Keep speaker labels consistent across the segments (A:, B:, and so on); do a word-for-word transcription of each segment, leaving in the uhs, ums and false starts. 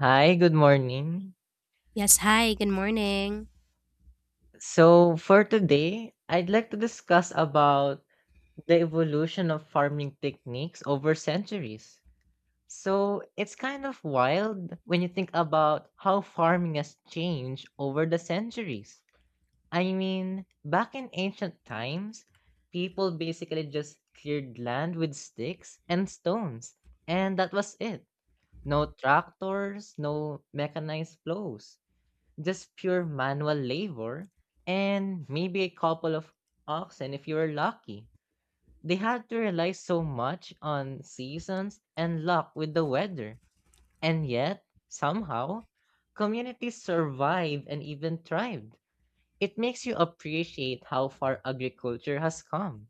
A: Hi, good morning.
B: Yes, hi, good morning.
A: So for today, I'd like to discuss about the evolution of farming techniques over centuries. So it's kind of wild when you think about how farming has changed over the centuries. I mean, back in ancient times, people basically just cleared land with sticks and stones, and that was it. No tractors, no mechanized plows, just pure manual labor, and maybe a couple of oxen if you were lucky. They had to rely so much on seasons and luck with the weather. And yet, somehow, communities survived and even thrived. It makes you appreciate how far agriculture has come.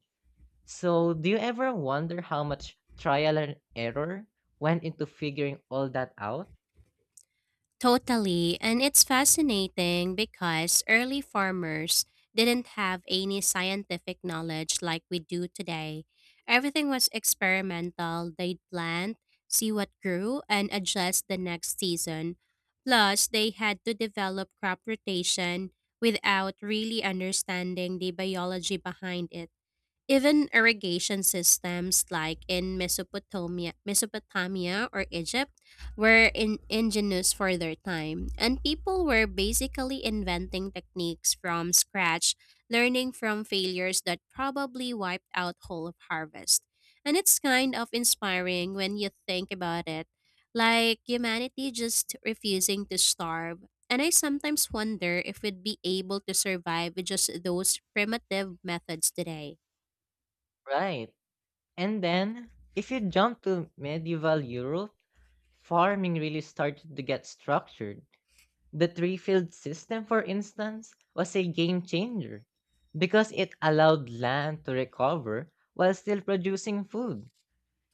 A: So, do you ever wonder how much trial and error went into figuring all that out?
B: Totally, and it's fascinating because early farmers didn't have any scientific knowledge like we do today. Everything was experimental. They'd plant, see what grew, and adjust the next season. Plus, they had to develop crop rotation without really understanding the biology behind it. Even irrigation systems like in Mesopotamia, Mesopotamia or Egypt were in, ingenious for their time, and people were basically inventing techniques from scratch, learning from failures that probably wiped out whole of harvest. And it's kind of inspiring when you think about it, like humanity just refusing to starve. And I sometimes wonder if we'd be able to survive with just those primitive methods today.
A: Right. And then, if you jump to medieval Europe, farming really started to get structured. The three field system, for instance, was a game changer because it allowed land to recover while still producing food.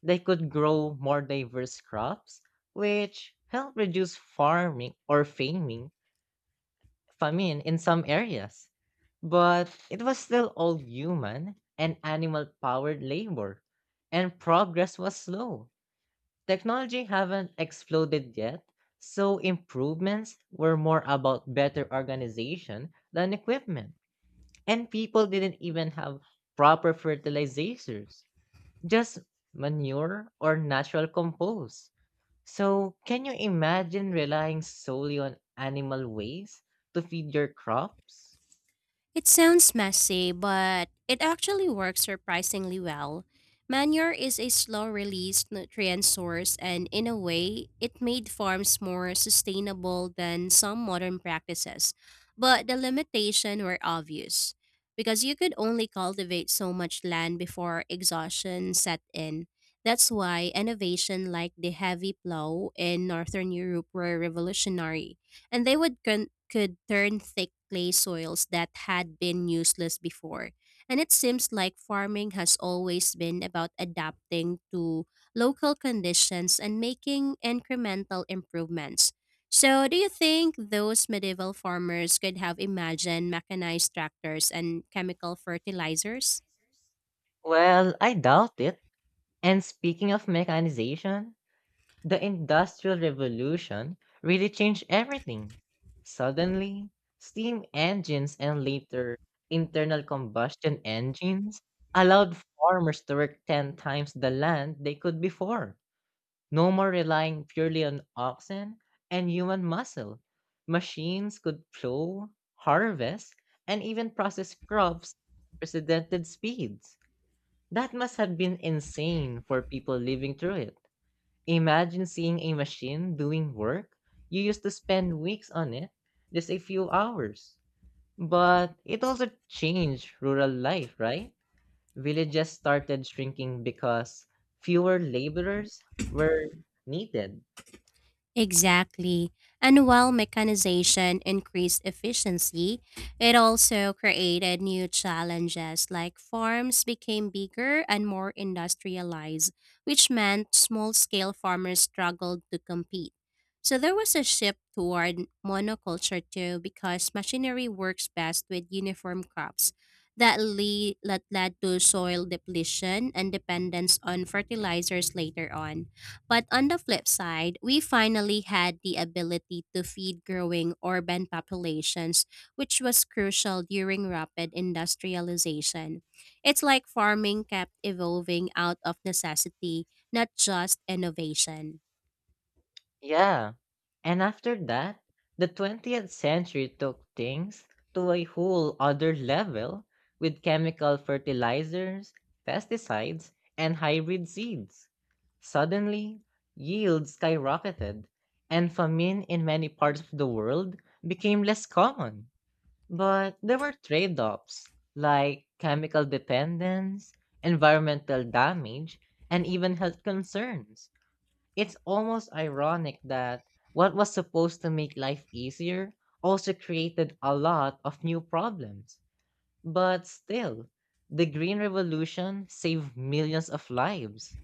A: They could grow more diverse crops, which helped reduce farming or famine, famine in some areas. But it was still all human and animal powered labor, and progress was slow. Technology haven't exploded yet, so improvements were more about better organization than equipment. And people didn't even have proper fertilizers, just manure or natural compost. So, can you imagine relying solely on animal waste to feed your crops?
B: It sounds messy, but it actually works surprisingly well. Manure is a slow release nutrient source, and in a way, it made farms more sustainable than some modern practices. But the limitations were obvious because you could only cultivate so much land before exhaustion set in. That's why innovation like the heavy plow in Northern Europe were revolutionary and they would con- could turn thick clay soils that had been useless before. And it seems like farming has always been about adapting to local conditions and making incremental improvements. So, do you think those medieval farmers could have imagined mechanized tractors and chemical fertilizers?
A: Well, I doubt it. And speaking of mechanization, the Industrial Revolution really changed everything. Suddenly, steam engines and later internal combustion engines allowed farmers to work ten times the land they could before. No more relying purely on oxen and human muscle. Machines could plow, harvest, and even process crops at unprecedented speeds. That must have been insane for people living through it. Imagine seeing a machine doing work you used to spend weeks on it, just a few hours. But it also changed rural life, right? Villages started shrinking because fewer laborers were needed.
B: Exactly. And while mechanization increased efficiency, it also created new challenges like farms became bigger and more industrialized, which meant small scale farmers struggled to compete. So there was a shift toward monoculture too because machinery works best with uniform crops. That, le that led to soil depletion and dependence on fertilizers later on. But on the flip side, we finally had the ability to feed growing urban populations, which was crucial during rapid industrialization. It's like farming kept evolving out of necessity, not just innovation.
A: Yeah. And after that, the twentieth century took things to a whole other level with chemical fertilizers, pesticides, and hybrid seeds. Suddenly, yields skyrocketed, and famine in many parts of the world became less common. But there were trade offs like chemical dependence, environmental damage, and even health concerns. It's almost ironic that what was supposed to make life easier also created a lot of new problems. But still, the Green Revolution saved millions of lives.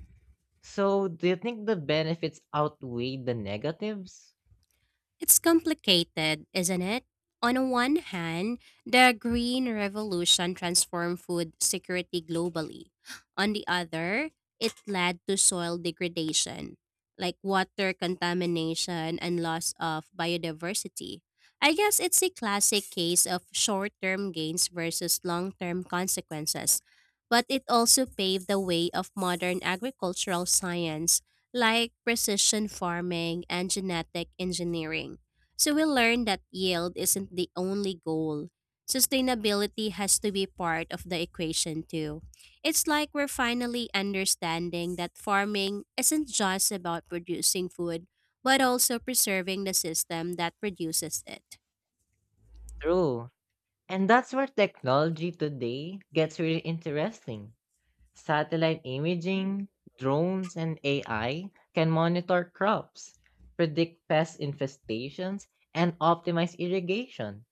A: So, do you think the benefits outweigh the negatives?
B: It's complicated, isn't it? On the one hand, the Green Revolution transformed food security globally. On the other, it led to soil degradation, like water contamination and loss of biodiversity. I guess it's a classic case of short term gains versus long term consequences, but it also paved the way of modern agricultural science like precision farming and genetic engineering. So we learned that yield isn't the only goal. Sustainability has to be part of the equation too. It's like we're finally understanding that farming isn't just about producing food, but also preserving the system that produces it.
A: True. And that's where technology today gets really interesting. Satellite imaging, drones, and A I can monitor crops, predict pest infestations, and optimize irrigation.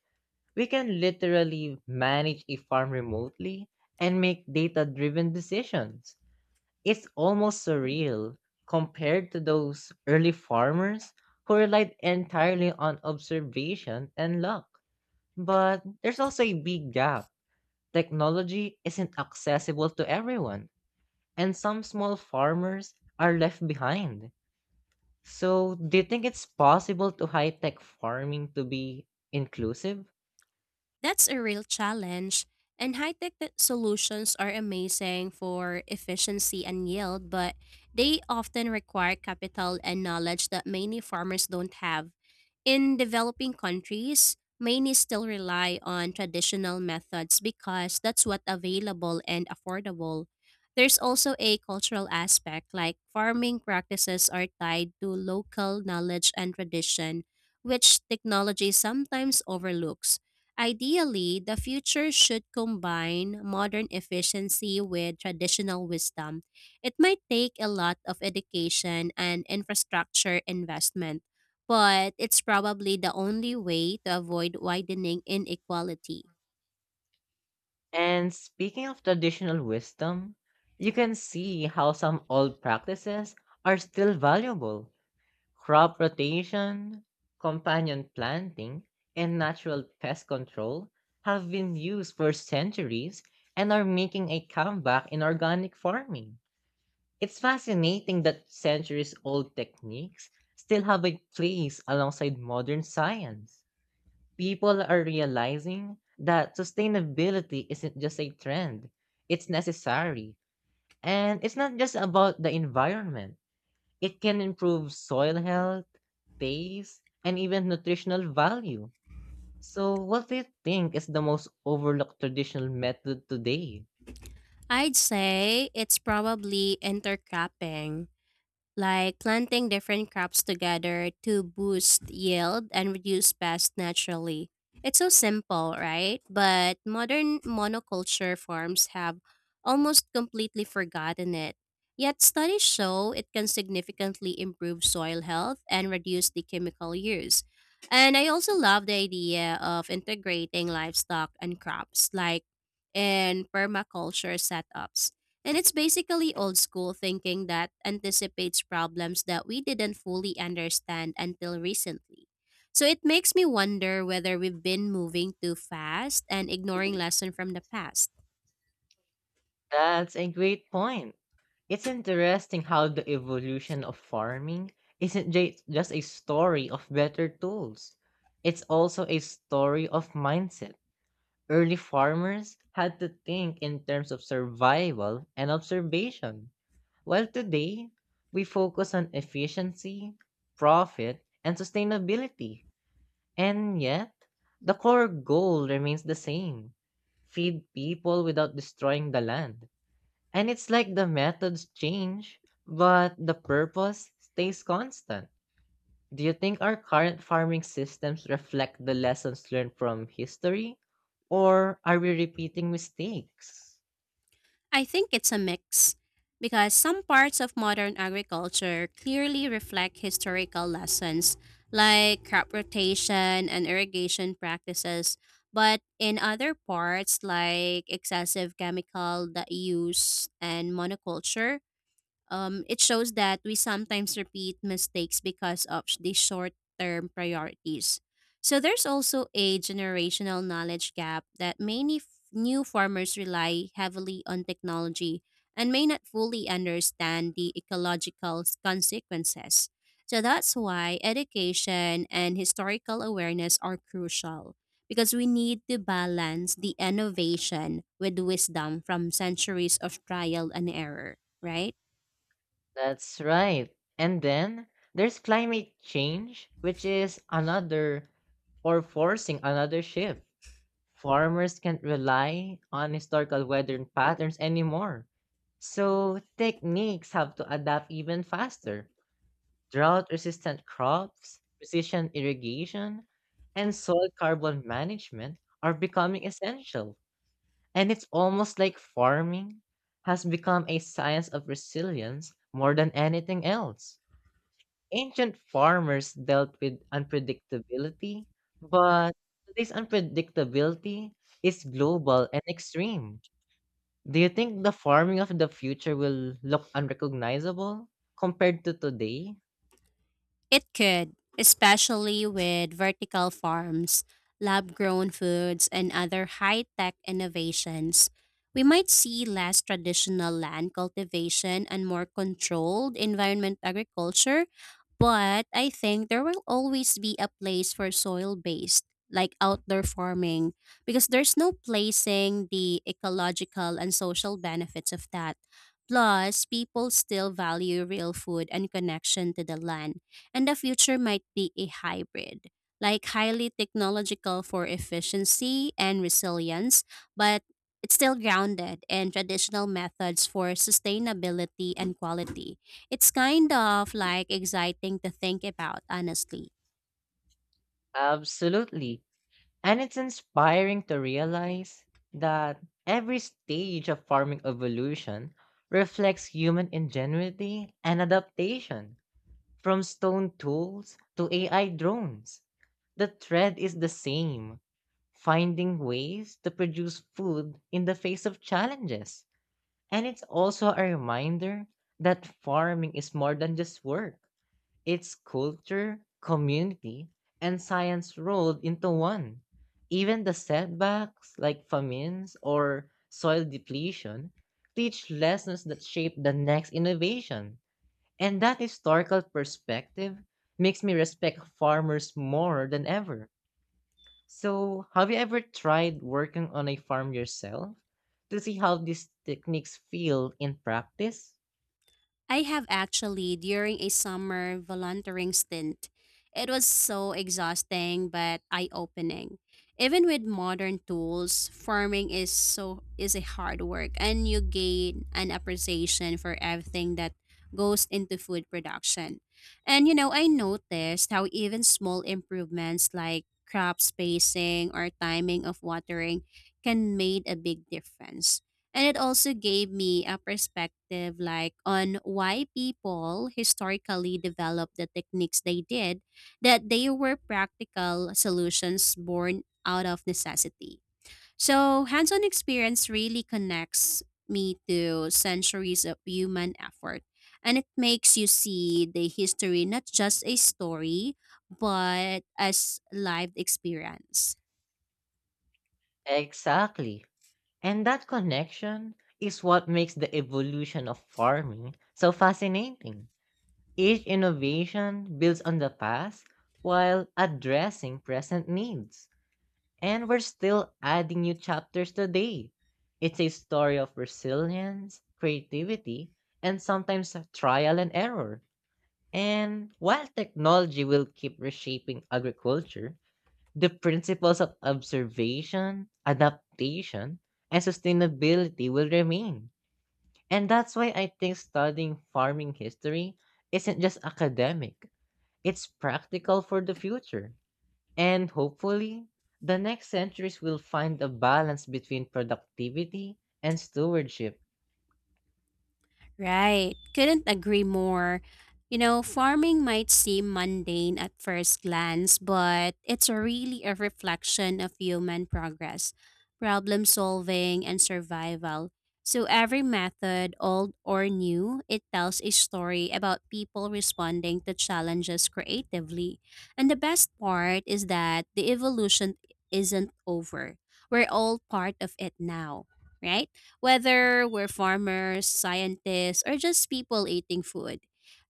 A: We can literally manage a farm remotely and make data driven decisions. It's almost surreal compared to those early farmers who relied entirely on observation and luck. But there's also a big gap. Technology isn't accessible to everyone and some small farmers are left behind. So, do you think it's possible to high tech farming to be inclusive?
B: That's a real challenge, and high tech solutions are amazing for efficiency and yield, but they often require capital and knowledge that many farmers don't have. In developing countries, many still rely on traditional methods because that's what available and affordable. There's also a cultural aspect like farming practices are tied to local knowledge and tradition, which technology sometimes overlooks. Ideally, the future should combine modern efficiency with traditional wisdom. It might take a lot of education and infrastructure investment, but it's probably the only way to avoid widening inequality.
A: And speaking of traditional wisdom, you can see how some old practices are still valuable. Crop rotation, companion planting, and natural pest control have been used for centuries and are making a comeback in organic farming. It's fascinating that centuries old techniques still have a place alongside modern science. People are realizing that sustainability isn't just a trend, it's necessary. And it's not just about the environment, it can improve soil health, taste, and even nutritional value. So, what do you think is the most overlooked traditional method today?
B: I'd say it's probably intercropping, like planting different crops together to boost yield and reduce pests naturally. It's so simple, right? But modern monoculture farms have almost completely forgotten it. Yet studies show it can significantly improve soil health and reduce the chemical use. And I also love the idea of integrating livestock and crops like in permaculture setups, and it's basically old school thinking that anticipates problems that we didn't fully understand until recently. So it makes me wonder whether we've been moving too fast and ignoring lesson from the past.
A: That's a great point. It's interesting how the evolution of farming isn't ju- just a story of better tools. It's also a story of mindset. Early farmers had to think in terms of survival and observation, while today we focus on efficiency, profit, and sustainability. And yet, the core goal remains the same: feed people without destroying the land. And it's like the methods change, but the purpose stays constant. Do you think our current farming systems reflect the lessons learned from history? Or are we repeating mistakes?
B: I think it's a mix because some parts of modern agriculture clearly reflect historical lessons like crop rotation and irrigation practices, but in other parts like excessive chemical that use and monoculture, Um, it shows that we sometimes repeat mistakes because of sh- the short term priorities. So there's also a generational knowledge gap that many f- new farmers rely heavily on technology and may not fully understand the ecological s- consequences. So that's why education and historical awareness are crucial because we need to balance the innovation with wisdom from centuries of trial and error, right?
A: That's right. And then there's climate change, which is another or forcing another shift. Farmers can't rely on historical weather patterns anymore. So techniques have to adapt even faster. Drought-resistant crops, precision irrigation, and soil carbon management are becoming essential. And it's almost like farming has become a science of resilience more than anything else. Ancient farmers dealt with unpredictability, but today's unpredictability is global and extreme. Do you think the farming of the future will look unrecognizable compared to today?
B: It could, especially with vertical farms, lab grown foods, and other high tech innovations. We might see less traditional land cultivation and more controlled environment agriculture, but I think there will always be a place for soil based, like outdoor farming, because there's no placing the ecological and social benefits of that. Plus, people still value real food and connection to the land, and the future might be a hybrid, like highly technological for efficiency and resilience, but it's still grounded in traditional methods for sustainability and quality. It's kind of like exciting to think about, honestly.
A: Absolutely. And it's inspiring to realize that every stage of farming evolution reflects human ingenuity and adaptation, from stone tools to A I drones. The thread is the same, finding ways to produce food in the face of challenges. And it's also a reminder that farming is more than just work. It's culture, community, and science rolled into one. Even the setbacks, like famines or soil depletion, teach lessons that shape the next innovation. And that historical perspective makes me respect farmers more than ever. So, have you ever tried working on a farm yourself to see how these techniques feel in practice?
B: I have actually, during a summer volunteering stint. It was so exhausting but eye-opening. Even with modern tools, farming is so is a hard work and you gain an appreciation for everything that goes into food production. And you know, I noticed how even small improvements like crop spacing or timing of watering can make a big difference. And it also gave me a perspective like on why people historically developed the techniques they did, that they were practical solutions born out of necessity. So, hands on experience really connects me to centuries of human effort. And it makes you see the history not just a story, but as lived experience.
A: Exactly. And that connection is what makes the evolution of farming so fascinating. Each innovation builds on the past while addressing present needs. And we're still adding new chapters today. It's a story of resilience, creativity, and sometimes trial and error. And while technology will keep reshaping agriculture, the principles of observation, adaptation, and sustainability will remain. And that's why I think studying farming history isn't just academic, it's practical for the future. And hopefully, the next centuries will find a balance between productivity and stewardship.
B: Right. Couldn't agree more. You know, farming might seem mundane at first glance, but it's a really a reflection of human progress, problem solving, and survival. So every method, old or new, it tells a story about people responding to challenges creatively. And the best part is that the evolution isn't over. We're all part of it now, right? Whether we're farmers, scientists, or just people eating food.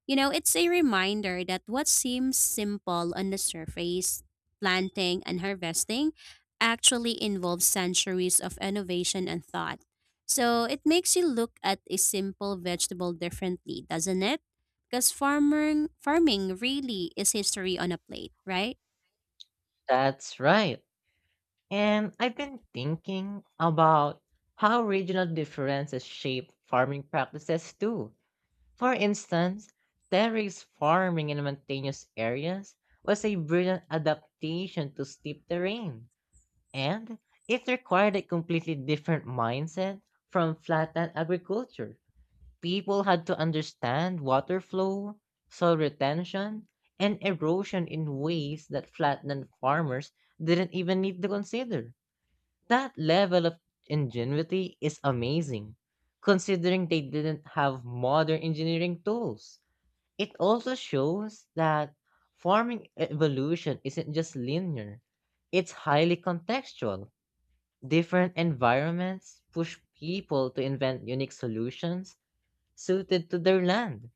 B: You know, it's a reminder that what seems simple on the surface, planting and harvesting, actually involves centuries of innovation and thought. So it makes you look at a simple vegetable differently, doesn't it? Because farming farming really is history on a plate, right?
A: That's right. And I've been thinking about how regional differences shape farming practices too. For instance, terrace farming in mountainous areas was a brilliant adaptation to steep terrain, and it required a completely different mindset from flatland agriculture. People had to understand water flow, soil retention, and erosion in ways that flatland farmers didn't even need to consider. That level of ingenuity is amazing, considering they didn't have modern engineering tools. It also shows that farming evolution isn't just linear, it's highly contextual. Different environments push people to invent unique solutions suited to their land.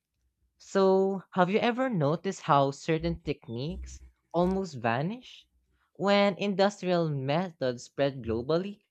A: So, have you ever noticed how certain techniques almost vanish when industrial methods spread globally?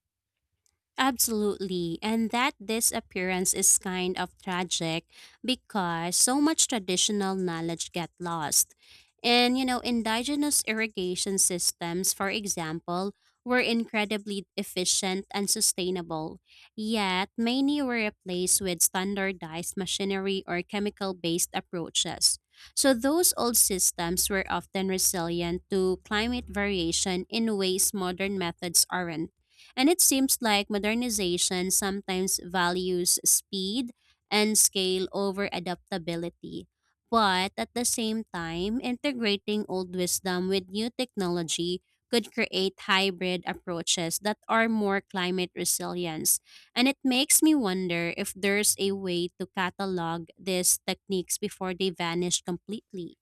B: Absolutely. And that disappearance is kind of tragic because so much traditional knowledge get lost. And you know, indigenous irrigation systems, for example, were incredibly efficient and sustainable. Yet many were replaced with standardized machinery or chemical-based approaches. So those old systems were often resilient to climate variation in ways modern methods aren't. And it seems like modernization sometimes values speed and scale over adaptability. But at the same time, integrating old wisdom with new technology could create hybrid approaches that are more climate resilience. And it makes me wonder if there's a way to catalog these techniques before they vanish completely.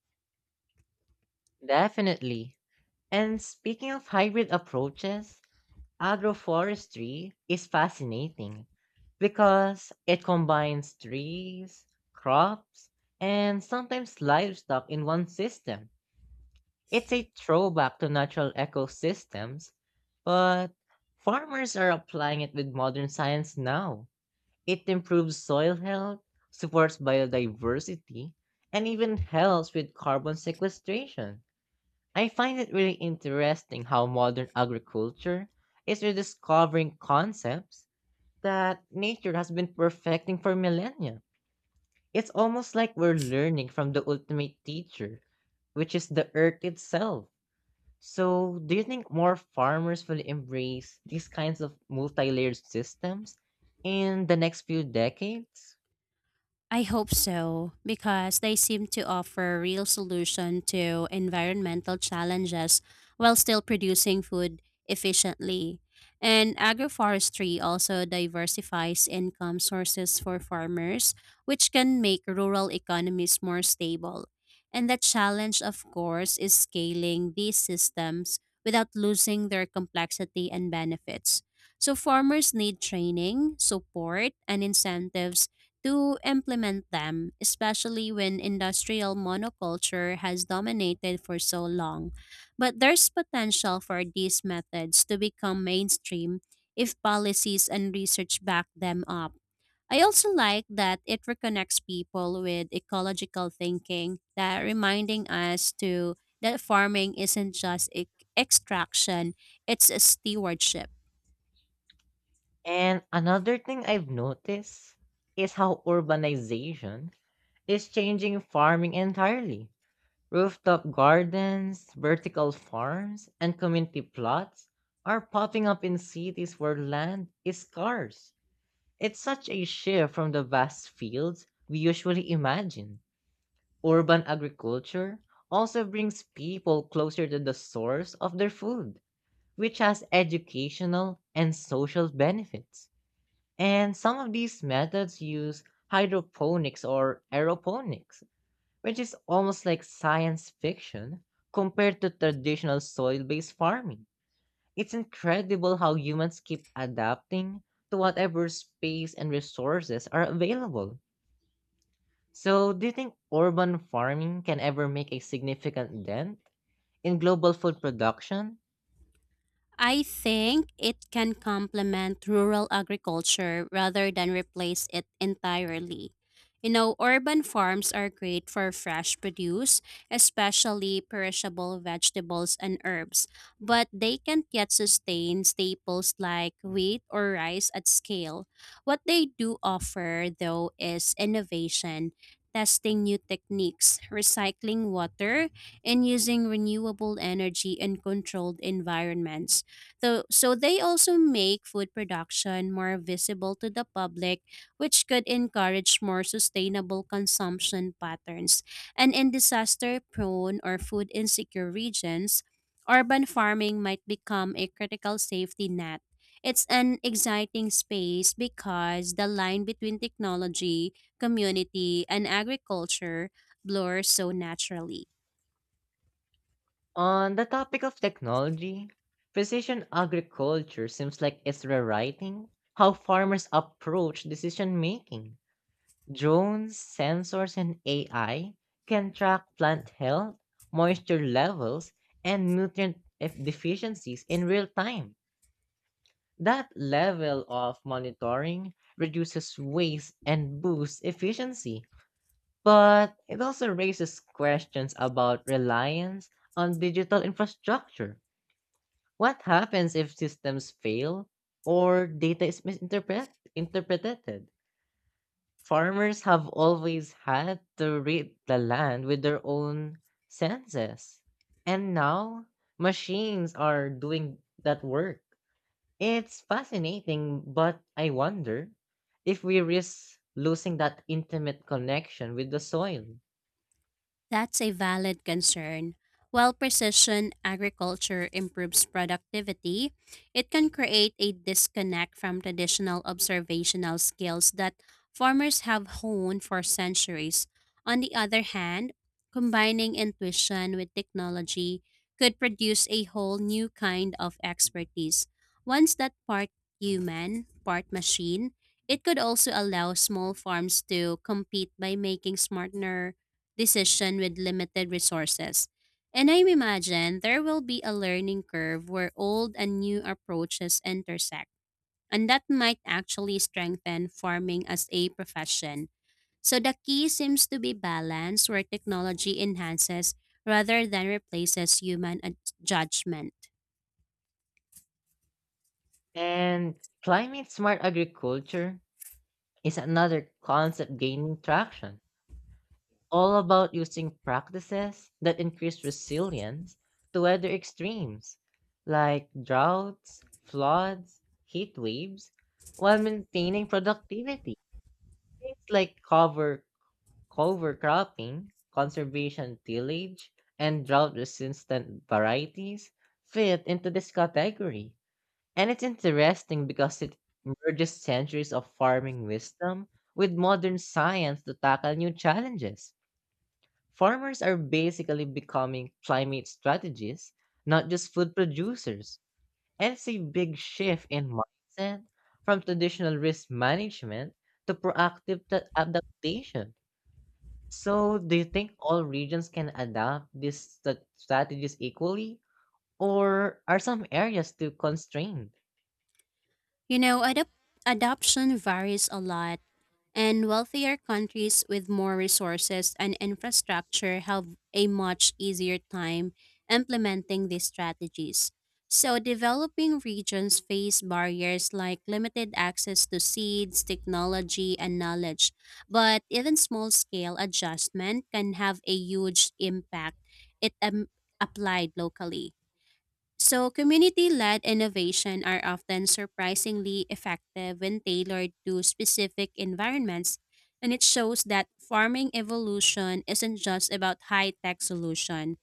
A: Definitely. And speaking of hybrid approaches, agroforestry is fascinating because it combines trees, crops, and sometimes livestock in one system. It's a throwback to natural ecosystems, but farmers are applying it with modern science now. It improves soil health, supports biodiversity, and even helps with carbon sequestration. I find it really interesting how modern agriculture is rediscovering concepts that nature has been perfecting for millennia. It's almost like we're learning from the ultimate teacher, which is the earth itself. So, do you think more farmers will embrace these kinds of multi layered systems in the next few decades?
B: I hope so, because they seem to offer real solution to environmental challenges while still producing food efficiently. And agroforestry also diversifies income sources for farmers, which can make rural economies more stable. And the challenge, of course, is scaling these systems without losing their complexity and benefits. So, farmers need training, support, and incentives to implement them, especially when industrial monoculture has dominated for so long. But there's potential for these methods to become mainstream if policies and research back them up. I also like that it reconnects people with ecological thinking, that reminding us to that farming isn't just e- extraction, it's a stewardship.
A: And another thing I've noticed is how urbanization is changing farming entirely. Rooftop gardens, vertical farms, and community plots are popping up in cities where land is scarce. It's such a shift from the vast fields we usually imagine. Urban agriculture also brings people closer to the source of their food, which has educational and social benefits. And some of these methods use hydroponics or aeroponics, which is almost like science fiction compared to traditional soil based farming. It's incredible how humans keep adapting to whatever space and resources are available. So, do you think urban farming can ever make a significant dent in global food production?
B: I think it can complement rural agriculture rather than replace it entirely. You know, urban farms are great for fresh produce, especially perishable vegetables and herbs, but they can't yet sustain staples like wheat or rice at scale. What they do offer, though, is innovation, testing new techniques, recycling water, and using renewable energy in controlled environments. So, so they also make food production more visible to the public, which could encourage more sustainable consumption patterns. And in disaster-prone or food insecure regions, urban farming might become a critical safety net. It's an exciting space because the line between technology, community, and agriculture blurs so naturally.
A: On the topic of technology, precision agriculture seems like it's rewriting how farmers approach decision making. Drones, sensors, and A I can track plant health, moisture levels, and nutrient eff- deficiencies in real time. That level of monitoring reduces waste and boosts efficiency, but it also raises questions about reliance on digital infrastructure. What happens if systems fail or data is misinterpret interpreted? Farmers have always had to read the land with their own senses. And now machines are doing that work. It's fascinating, but I wonder if we risk losing that intimate connection with the soil.
B: That's a valid concern. While precision agriculture improves productivity, it can create a disconnect from traditional observational skills that farmers have honed for centuries. On the other hand, combining intuition with technology could produce a whole new kind of expertise. Once that part human, part machine, it could also allow small farms to compete by making smarter decision with limited resources. And I imagine there will be a learning curve where old and new approaches intersect, and that might actually strengthen farming as a profession. So the key seems to be balance where technology enhances rather than replaces human ad- judgment.
A: And climate smart agriculture is another concept gaining traction, all about using practices that increase resilience to weather extremes like droughts, floods, heat waves, while maintaining productivity. Things like cover cover cropping, conservation tillage, and drought resistant varieties fit into this category. And it's interesting because it merges centuries of farming wisdom with modern science to tackle new challenges. Farmers are basically becoming climate strategists, not just food producers. And it's a big shift in mindset from traditional risk management to proactive ta- adaptation. So, do you think all regions can adopt these sta- strategies equally, or are some areas too constrained?
B: You know, adap- adoption varies a lot. And wealthier countries with more resources and infrastructure have a much easier time implementing these strategies. So, developing regions face barriers like limited access to seeds, technology, and knowledge. But even small scale adjustment can have a huge impact if um, applied locally. So, community led innovation are often surprisingly effective when tailored to specific environments, and it shows that farming evolution isn't just about high tech solution.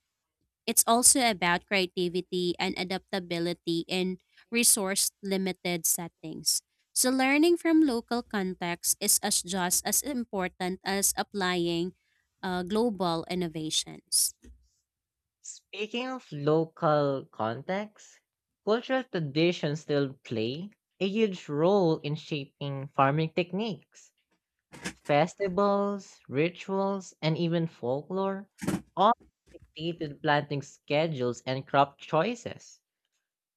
B: It's also about creativity and adaptability in resource limited settings. So, learning from local context is as just as important as applying uh, global innovations.
A: Speaking of local context, cultural traditions still play a huge role in shaping farming techniques. Festivals, rituals, and even folklore all dated planting schedules and crop choices.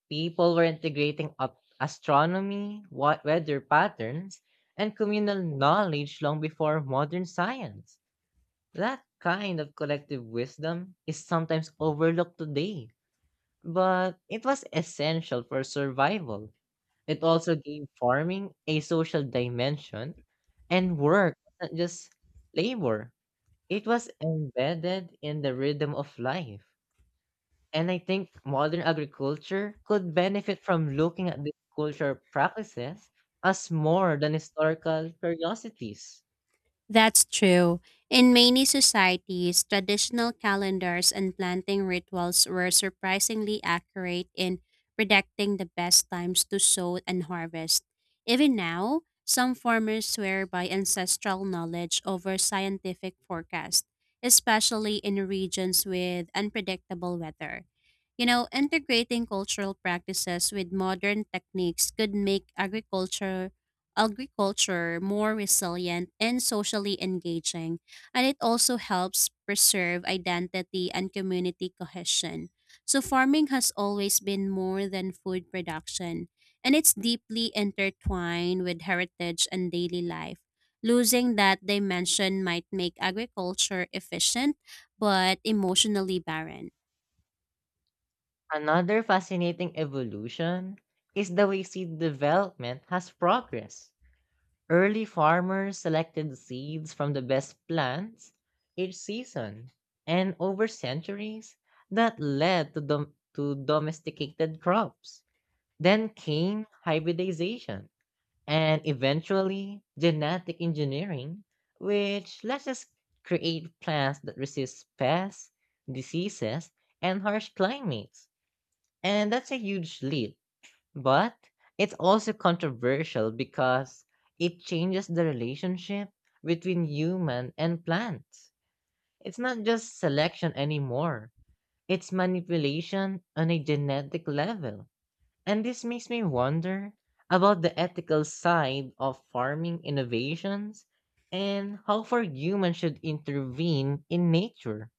A: People were integrating up astronomy, wa- weather patterns, and communal knowledge long before modern science. That kind of collective wisdom is sometimes overlooked today, but it was essential for survival. It also gave farming a social dimension, and work wasn't just labor, it was embedded in the rhythm of life. And I think modern agriculture could benefit from looking at these cultural practices as more than historical curiosities.
B: That's true. In many societies, traditional calendars and planting rituals were surprisingly accurate in predicting the best times to sow and harvest. Even now, some farmers swear by ancestral knowledge over scientific forecasts, especially in regions with unpredictable weather. You know, integrating cultural practices with modern techniques could make agriculture agriculture more resilient and socially engaging, and it also helps preserve identity and community cohesion. So farming has always been more than food production, and it's deeply intertwined with heritage and daily life. Losing that dimension might make agriculture efficient but emotionally barren.
A: Another fascinating evolution is the way seed development has progressed. Early farmers selected seeds from the best plants each season, and over centuries, that led to, dom- to domesticated crops. Then came hybridization and eventually genetic engineering, which lets us create plants that resist pests, diseases, and harsh climates. And that's a huge leap, but it's also controversial because it changes the relationship between human and plants. It's not just selection anymore, it's manipulation on a genetic level, and this makes me wonder about the ethical side of farming innovations and how far humans should intervene in nature.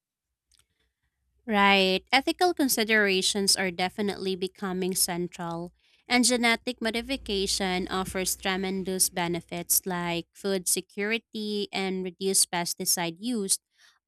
B: Right. Ethical considerations are definitely becoming central, and genetic modification offers tremendous benefits like food security and reduced pesticide use,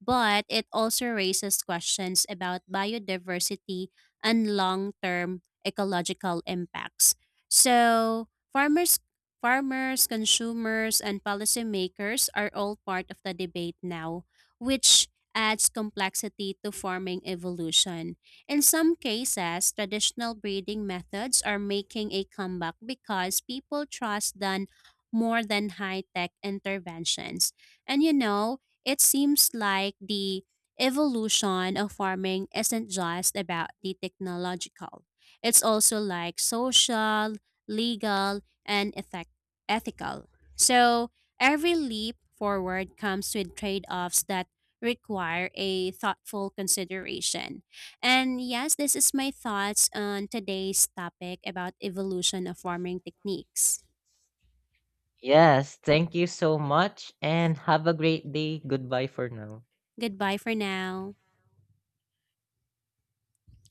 B: but it also raises questions about biodiversity and long-term ecological impacts. So, farmers farmers, consumers, and policymakers are all part of the debate now, which adds complexity to farming evolution. In some cases, traditional breeding methods are making a comeback because people trust them more than high tech interventions. And you know, it seems like the evolution of farming isn't just about the technological, it's also like social, legal, and ethec- ethical. So, every leap forward comes with trade offs that require a thoughtful consideration. And yes, this is my thoughts on today's topic about evolution of farming techniques.
A: Yes, thank you so much and have a great day. Goodbye for now.
B: Goodbye for now.